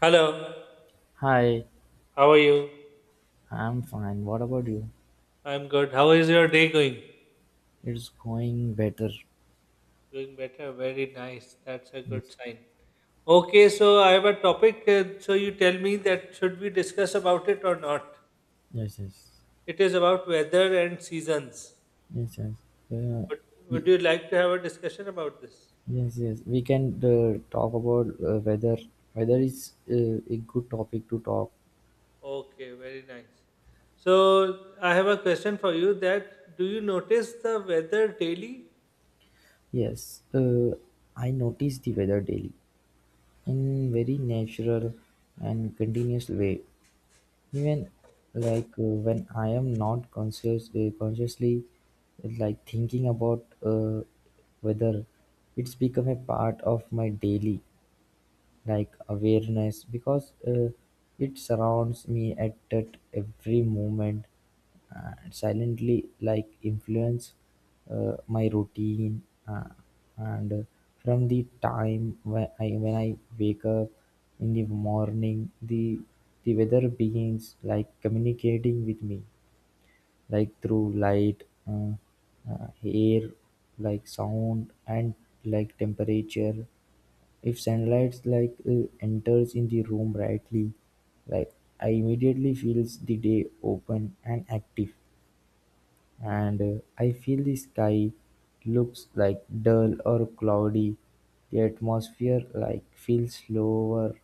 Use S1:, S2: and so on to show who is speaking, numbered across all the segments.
S1: Hello,
S2: Hi,
S1: how are you?
S2: I'm fine. What about you?
S1: I'm good. How is your day going?
S2: It's going better.
S1: Going better. Very nice. That's a
S2: Yes,
S1: good sign. Okay, so I have a topic. So you tell me that should we discuss about it or not?
S2: yes, yes,
S1: It is about weather and seasons.
S2: yes, yes. Uh,
S1: Would,
S2: y-
S1: would you like to have a discussion about this?
S2: yes, yes. We can talk about whether weather is a good topic to talk.
S1: Okay, very nice. So I have a question for you that do you notice the weather daily?
S2: Yes, I notice the weather daily in very natural and continuous way. Even when I am not conscious, consciously like thinking about whether it's become a part of my daily like awareness because it surrounds me at that every moment and silently like influence my routine uh, and from the time when I wake up in the morning the weather begins like communicating with me like through light air, like sound and like temperature. If sunlight enters in the room brightly, like I immediately feels the day open and active. And I feel the sky looks like dull or cloudy, the atmosphere like feels slower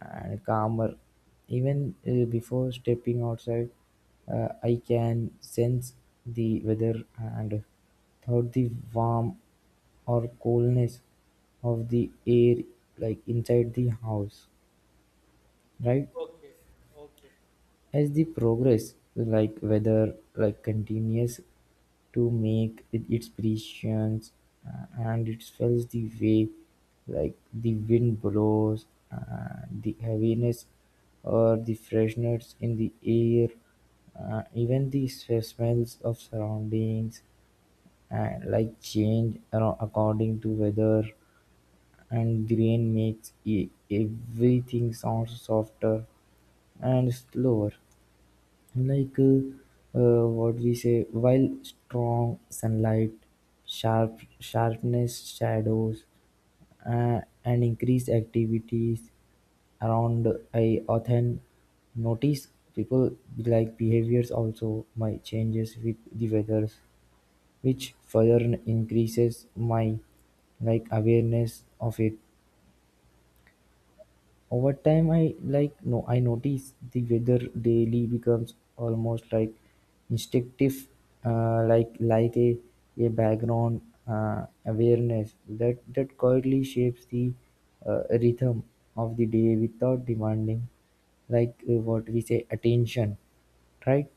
S2: and calmer. Even before stepping outside, I can sense the weather and thought the warm or coolness of the air like inside the house, right?
S1: Okay, okay.
S2: As the progress, like weather, like continues to make its appearance, and it feels the way, like the wind blows, the heaviness or the freshness in the air, even the smells of surroundings, like change according to weather, and the rain makes everything sound softer and slower. Like uh, what we say, while strong sunlight, sharpness shadows, and increased activities around, I often notice people like behaviors also might changes with the weather, which further increases my like awareness of it. Over time I like no. I notice the weather daily becomes almost like instinctive, like a background awareness that quietly shapes the rhythm of the day without demanding what we say attention, right?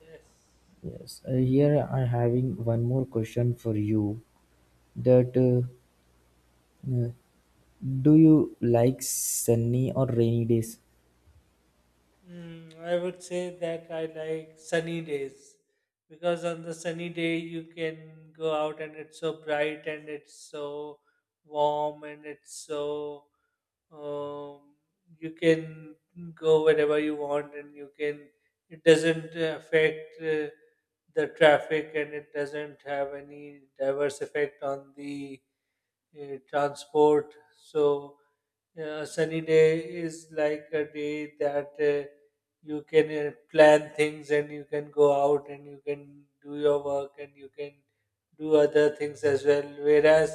S1: Yes.
S2: Yes. Here I'm having one more question for you that uh, do you like sunny or rainy days?
S1: Mm, I would say that I like sunny days because on the sunny day you can go out and it's so bright and it's so warm and it's so um, you can go wherever you want and you can it doesn't affect the traffic and it doesn't have any diverse effect on the transport so sunny day is like a day that you can plan things and you can go out and you can do your work and you can do other things as well. Whereas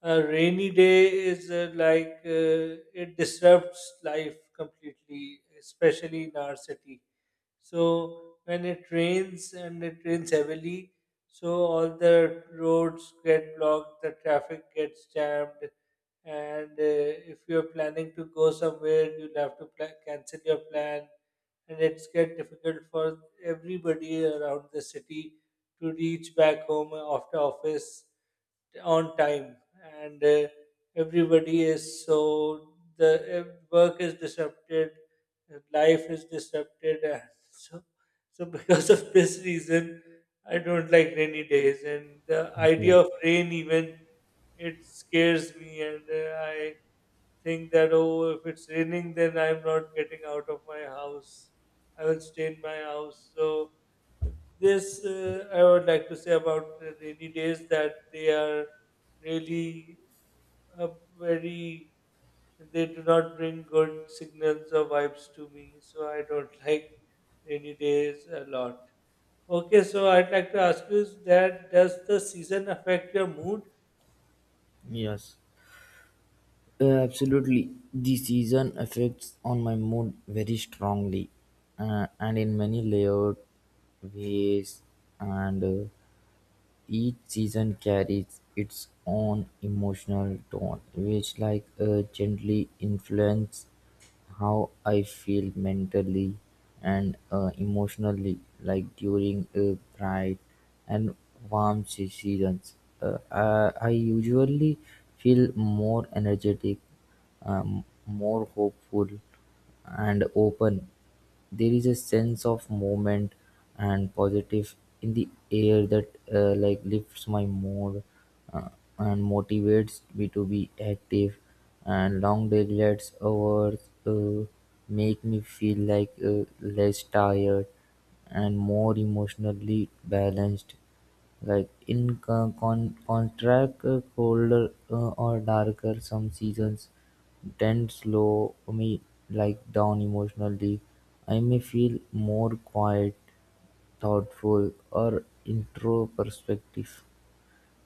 S1: a rainy day is like it disrupts life completely, especially in our city. So when it rains and it rains heavily, so all the roads get blocked, the traffic gets jammed, and if you're planning to go somewhere you'll have to pla cancel your plan and it's get difficult for everybody around the city to reach back home after office on time and everybody is so the work is disrupted life is disrupted and so so because of this reason I don't like rainy days and the idea
S2: Okay.
S1: of rain even it scares me and I think that oh if it's raining then I'm not getting out of my house I will stay in my house so this I would like to say about the rainy days that they are really a very they do not bring good signals or vibes to me, so I don't like rainy days a lot. Okay, so I'd like to ask you is that does the season affect your mood?
S2: Yes. Absolutely. The season affects on my mood very strongly and in many layered ways, and each season carries its own emotional tone, which gently influence how I feel mentally and emotionally. Like during bright and warm seasons, I usually feel more energetic, more hopeful, and open. There is a sense of movement and positive in the air that like lifts my mood uh, and motivates me to be active. And long daylights hours uh, make me feel less tired and more emotionally balanced. Like in contrast, colder or darker some seasons tend slow me like down emotionally. I may feel more quiet, thoughtful, or intro perspective.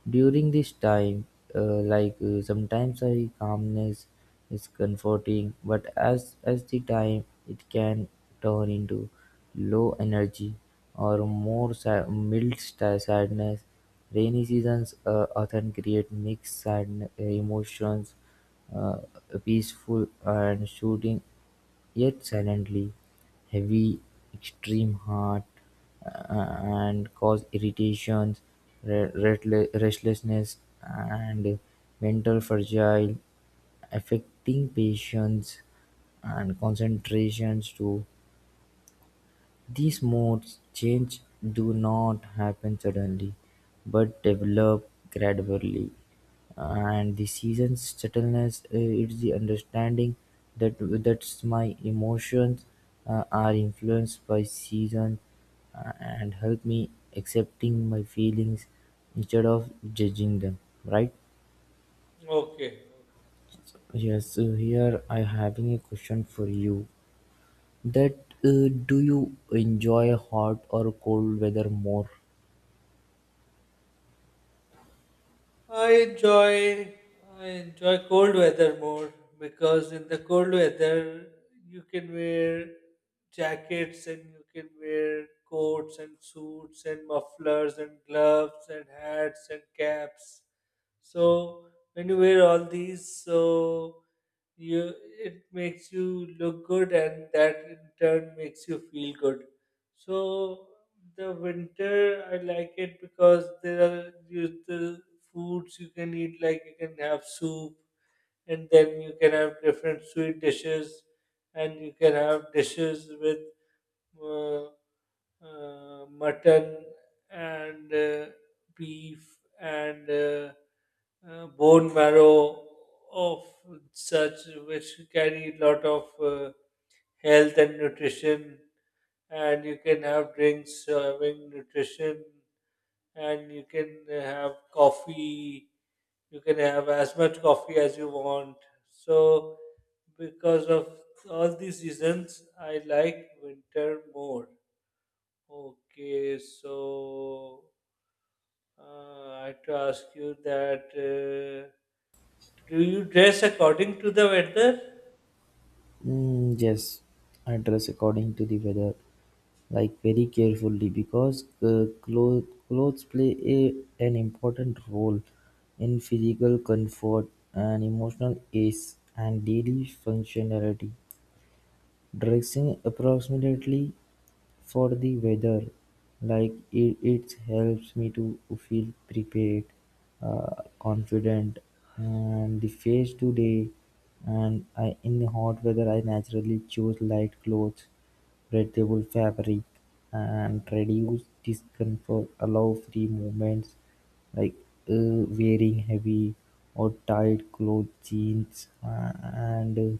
S2: During this time, sometimes a calmness is comforting, but as the time it can turn into low energy or more mild sadness. Rainy seasons often create mixed sad emotions, uh, peaceful and shooting yet silently heavy, extreme heart, uh, and cause irritations, restlessness, and mental fragile, affecting patience and concentrations too. These modes change do not happen suddenly, but develop gradually, and the season's subtleness is the understanding that that's my emotions are influenced by season and help me accepting my feelings instead of judging them. Right?
S1: Okay,
S2: Yes. So here I having a question for you. That Do you enjoy hot or cold weather more?
S1: I enjoy I enjoy cold weather more because in the cold weather you can wear jackets and you can wear coats and suits and mufflers and gloves and hats and caps. So when you wear all these, so you it makes you look good and that in turn makes you feel good so the winter I like it because there are you, the foods you can eat like you can have soup and then you can have different sweet dishes and you can have dishes with uh, mutton and beef and bone marrow of such which carry a lot of health and nutrition and you can have drinks having nutrition and you can have coffee you can have as much coffee as you want so because of all these reasons I like winter more. Okay, so I have to ask you that do you dress according to the weather?
S2: Mm. Yes, I dress according to the weather, like very carefully because clothes play an important role in physical comfort and emotional ease and daily functionality. Dressing approximately for the weather, like it helps me to feel prepared, confident, and the face today. And I, in the hot weather, I naturally choose light clothes, breathable fabric, and reduced discomfort allow free movements, like wearing heavy or tight clothes jeans and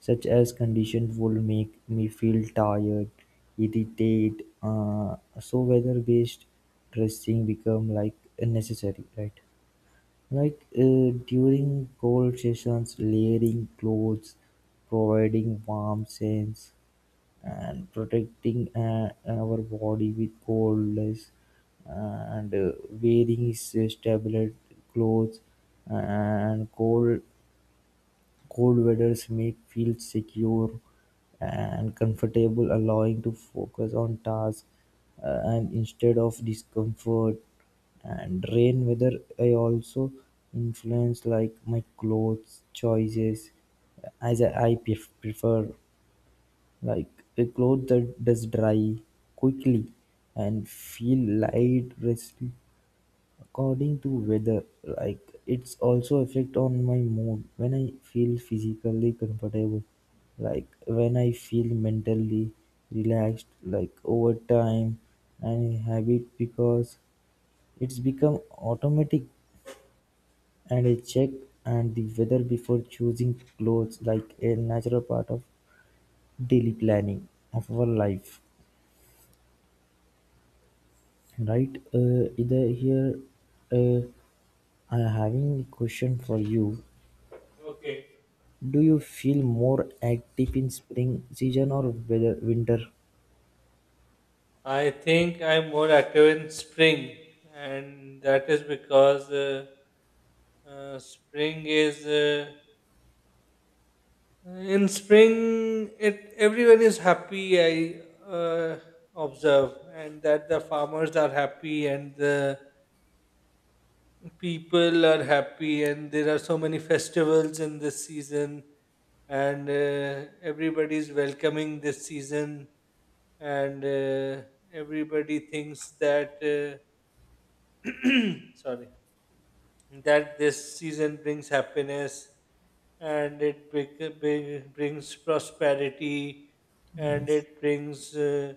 S2: such as conditions would make me feel tired, irritated, so weather based dressing become like unnecessary, right? During cold sessions, layering clothes, providing warm sense and protecting our body with coldness, uh, and wearing stable clothes, and cold weathers make feel secure and comfortable, allowing to focus on tasks, and instead of discomfort. And rain weather, I also influence like my clothes choices, as I prefer like a cloth that does dry quickly and feel light resting according to weather. Like it's also affect on my mood when I feel physically comfortable. Like when I feel mentally relaxed, like over time and habit, because it's become automatic, and I check and the weather before choosing clothes like a natural part of daily planning of our life. Right, either here, uh, I having a question for you.
S1: Okay.
S2: Do you feel more active in spring season or weather, winter?
S1: I think I'm more active in spring, and that is because spring is in spring it everyone is happy. I observe, and that the farmers are happy and the people are happy and there are so many festivals in this season and everybody's welcoming this season and everybody thinks that sorry that this season brings happiness and it brings prosperity and
S2: Yes.
S1: it brings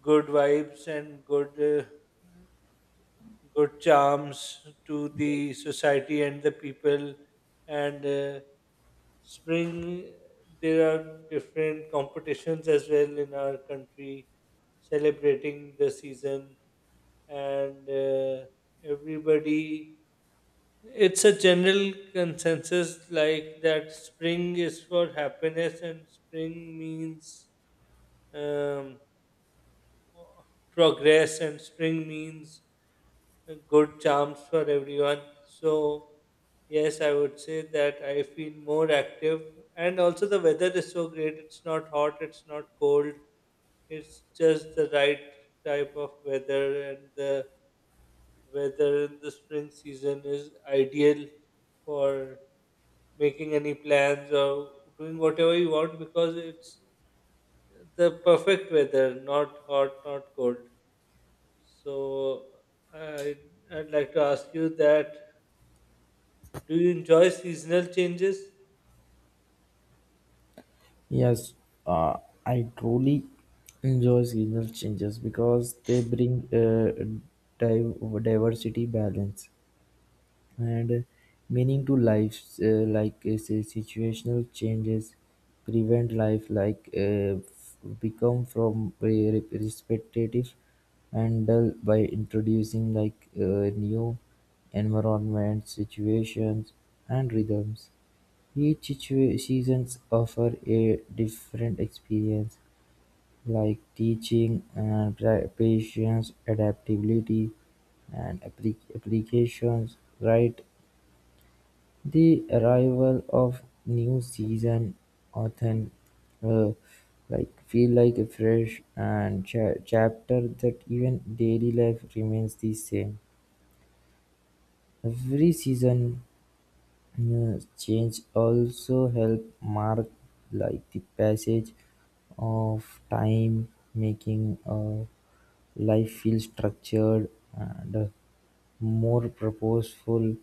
S1: good vibes and good uh, good charms to the society and the people and spring there are different competitions as well in our country celebrating the season and everybody it's a general consensus like that spring is for happiness and spring means um, progress and spring means good charms for everyone. So, yes, I would say that I feel more active. And also, the weather is so great. It's not hot, it's not cold. It's just the right type of weather, and the weather in the spring season is ideal for making any plans or doing whatever you want because it's the perfect weather, not hot, not cold. So I I'd like to ask you that do you enjoy seasonal changes?
S2: Yes, uh, I truly enjoy seasonal changes because they bring diversity, balance, and meaning to life. Say, situational changes prevent life like become from respectative and dull by introducing new environment situations and rhythms. Each seasons offer a different experience, like teaching and patience, adaptability, and applications, right? The arrival of new season, often, authon, like feel like a fresh and chapter that even daily life remains the same. Every season change also help mark like the passage of time, making life feel structured and more purposeful.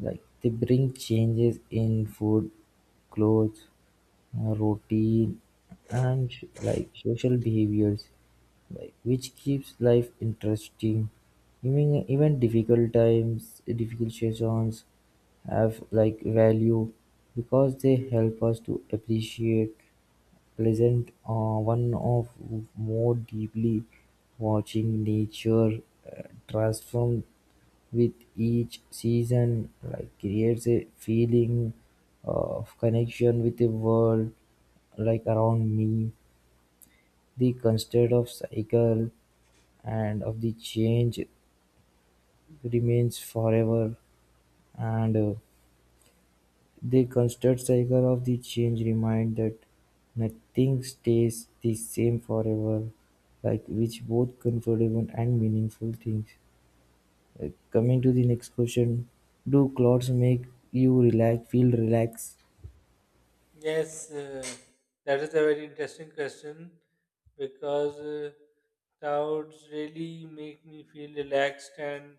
S2: Like they bring changes in food, clothes, routine, and like social behaviors, like which keeps life interesting. Even difficult times, difficult seasons have like value because they help us to appreciate pleasant, one of, more deeply, watching nature uh, transform with each season, like creates a feeling of connection with the world like around me. The constant of cycle and of the change remains forever and The constant cycle of the change reminds that nothing stays the same forever, like which both comfortable and meaningful things. Coming to the next question, do clothes make you relax, feel relaxed?
S1: Yes, that is a very interesting question because clouds really make me feel relaxed and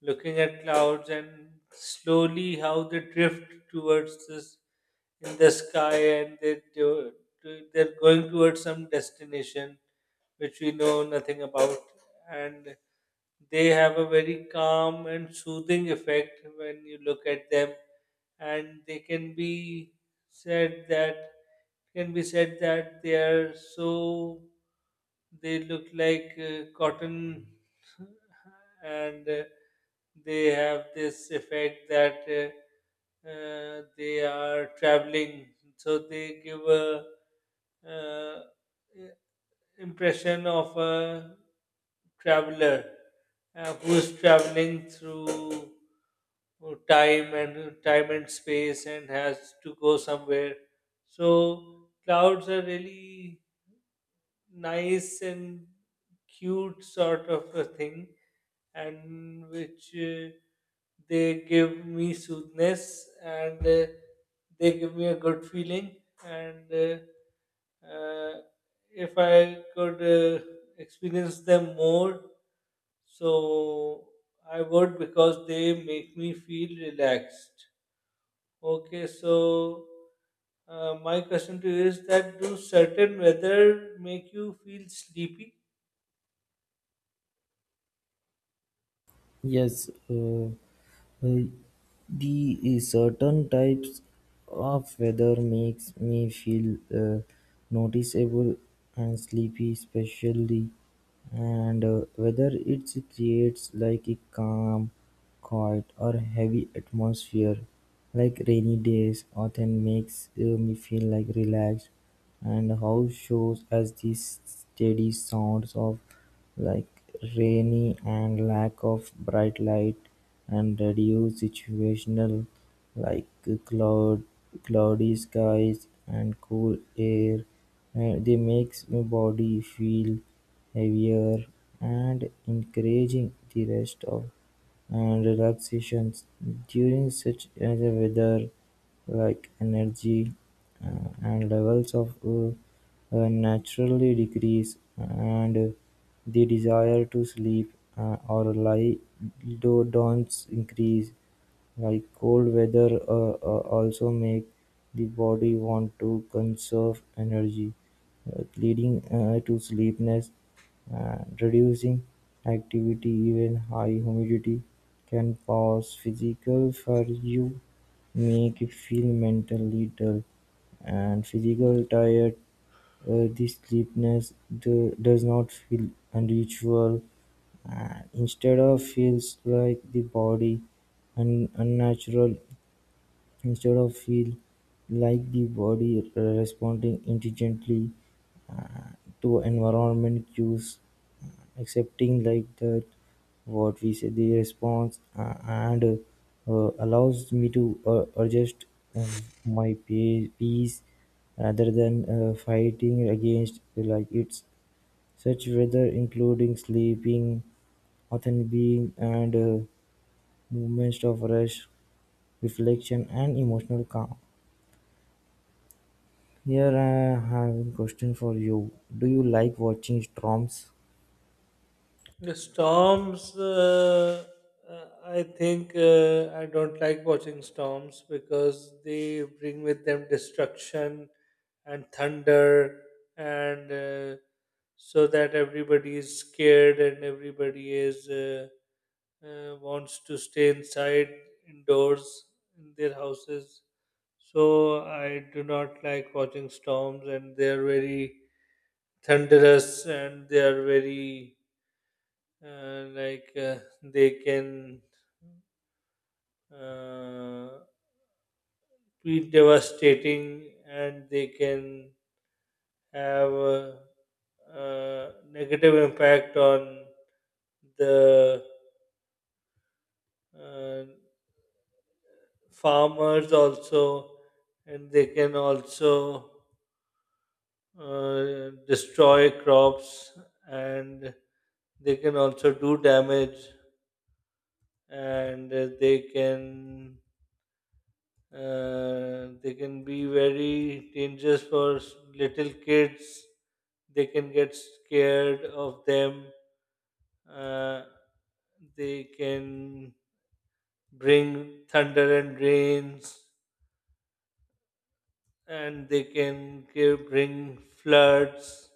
S1: looking at clouds and slowly how they drift towards this in the sky and they're going towards some destination which we know nothing about and they have a very calm and soothing effect when you look at them and they can be said that can be said that they are so they look like cotton and they have this effect that they are traveling so they give a uh, impression of a traveler who's traveling through time and space and has to go somewhere. So clouds are really nice and cute sort of a thing and which they give me soothness and they give me a good feeling and uh, if I could experience them more, so I would because they make me feel relaxed. Okay, so my question to you is that do certain weather make you feel sleepy?
S2: Yes, uh, the certain types of weather makes me feel noticeable and sleepy, especially, and whether it creates like a calm, quiet, or heavy atmosphere, like rainy days, often makes me feel like relaxed, and house shows as these steady sounds of like rainy, and lack of bright light, and reduced situational, like cloud, cloudy skies and cool air. They makes my body feel heavier and encouraging the rest of and relaxations during such as a weather, like energy and levels of naturally decrease, and the desire to sleep or lie don't increase. Like cold weather also make the body want to conserve energy, leading to sleepiness, reducing activity. Even high humidity can cause physical fatigue, make you feel mentally dull and physical tired. This sleepiness do, does not feel unusual, and instead of feels like the body and unnatural. Instead of feel like the body responding intelligently uh, to environment cues, accepting like that what we say the response and allows me to adjust my pace rather than fighting against like it's such weather, including sleeping often being and movements of rest, reflection, and emotional calm. Here I have a question for you. Do you like watching storms?
S1: The storms, I think I don't like watching storms because they bring with them destruction and thunder, and so that everybody is scared and everybody is wants to stay inside indoors in their houses. So I do not like watching storms, and they are very thunderous and they are very like they can uh, be devastating and they can have a, negative impact on the uh, farmers also and they can also destroy crops and they can also do damage and they can be very dangerous for s- little kids. They can get scared of them. Uh, they can bring thunder and rains, and they can bring floods,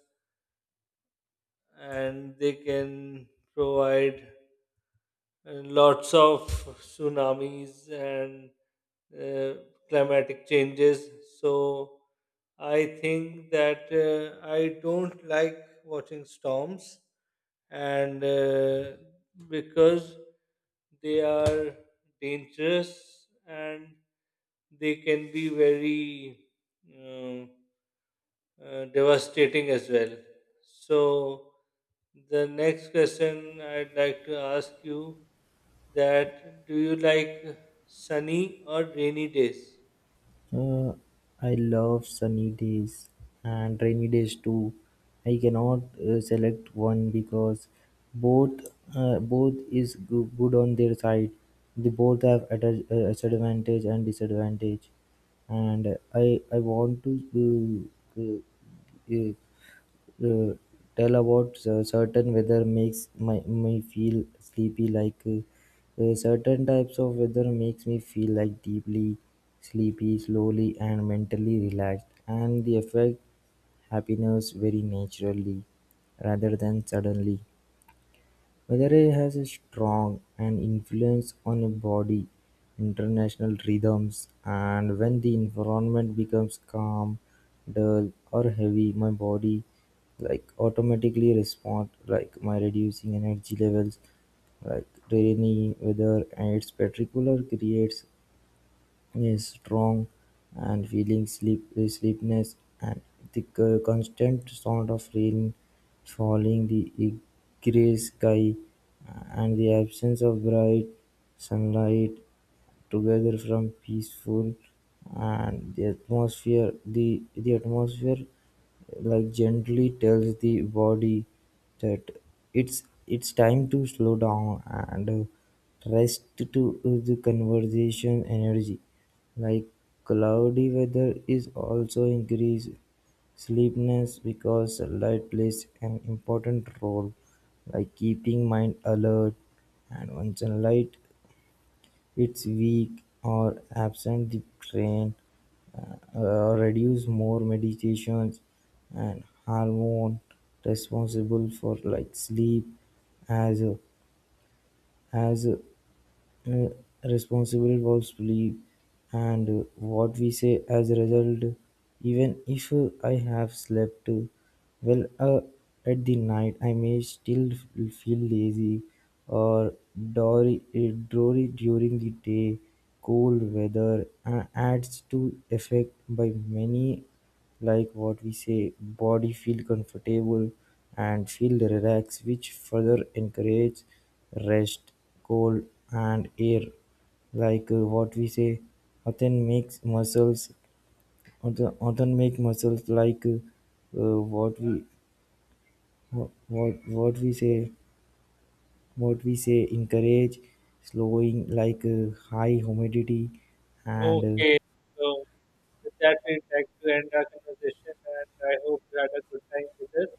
S1: and they can provide lots of tsunamis and uh, climatic changes. So I think that I don't like watching storms, and because they are dangerous and they can be very um, devastating as well. So the next question I'd like to ask you that do you like sunny or rainy days?
S2: Uh, I love sunny days and rainy days too. I cannot select one because both both is good on their side. They both have advantage and disadvantage, and I want to uh, tell about certain weather makes my, me feel sleepy like certain types of weather makes me feel like deeply sleepy slowly and mentally relaxed, and the effect happiness very naturally rather than suddenly. Whether he has a strong an influence on a body, international rhythms, and when the environment becomes calm, dull, or heavy, my body like automatically respond like my reducing energy levels, like rainy weather and its particular creates is strong and feeling sleep, sleepiness, and the constant sound of rain falling, the grey sky, and the absence of bright sunlight together from peaceful, and the atmosphere, the atmosphere like gently tells the body that it's time to slow down and rest to the conversation energy. Like cloudy weather is also increase sleepiness because sunlight plays an important role, like keeping mind alert, and when sunlight its weak or absent, the brain reduce more medications and hormone responsible for like sleep as a, as a, uh, responsible involves belief and what we say as a result. Even if I have slept well at the night, I may still feel lazy or dory, dory during the day. Cold weather adds to effect by many, like what we say, body feel comfortable and feel relaxed, which further encourage rest, cold and air. What we say, often makes muscles, often make muscles like what we, what we say, encourage slowing, high humidity and
S1: Okay, so with that, we'd like to end our conversation, and I hope you had a good time with us.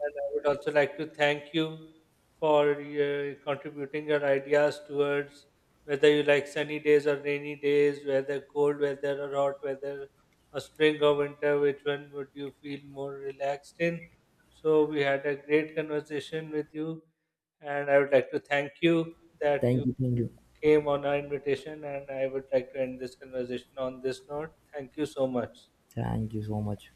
S1: And I would also like to thank you for contributing your ideas towards whether you like sunny days or rainy days, whether cold weather or hot weather, or spring or winter, which one would you feel more relaxed in? So, we had a great conversation with you, and I would like to thank you that
S2: thank
S1: you
S2: you,
S1: came on our invitation, and I would like to end this conversation on this note. Thank you so much.
S2: thank you so much.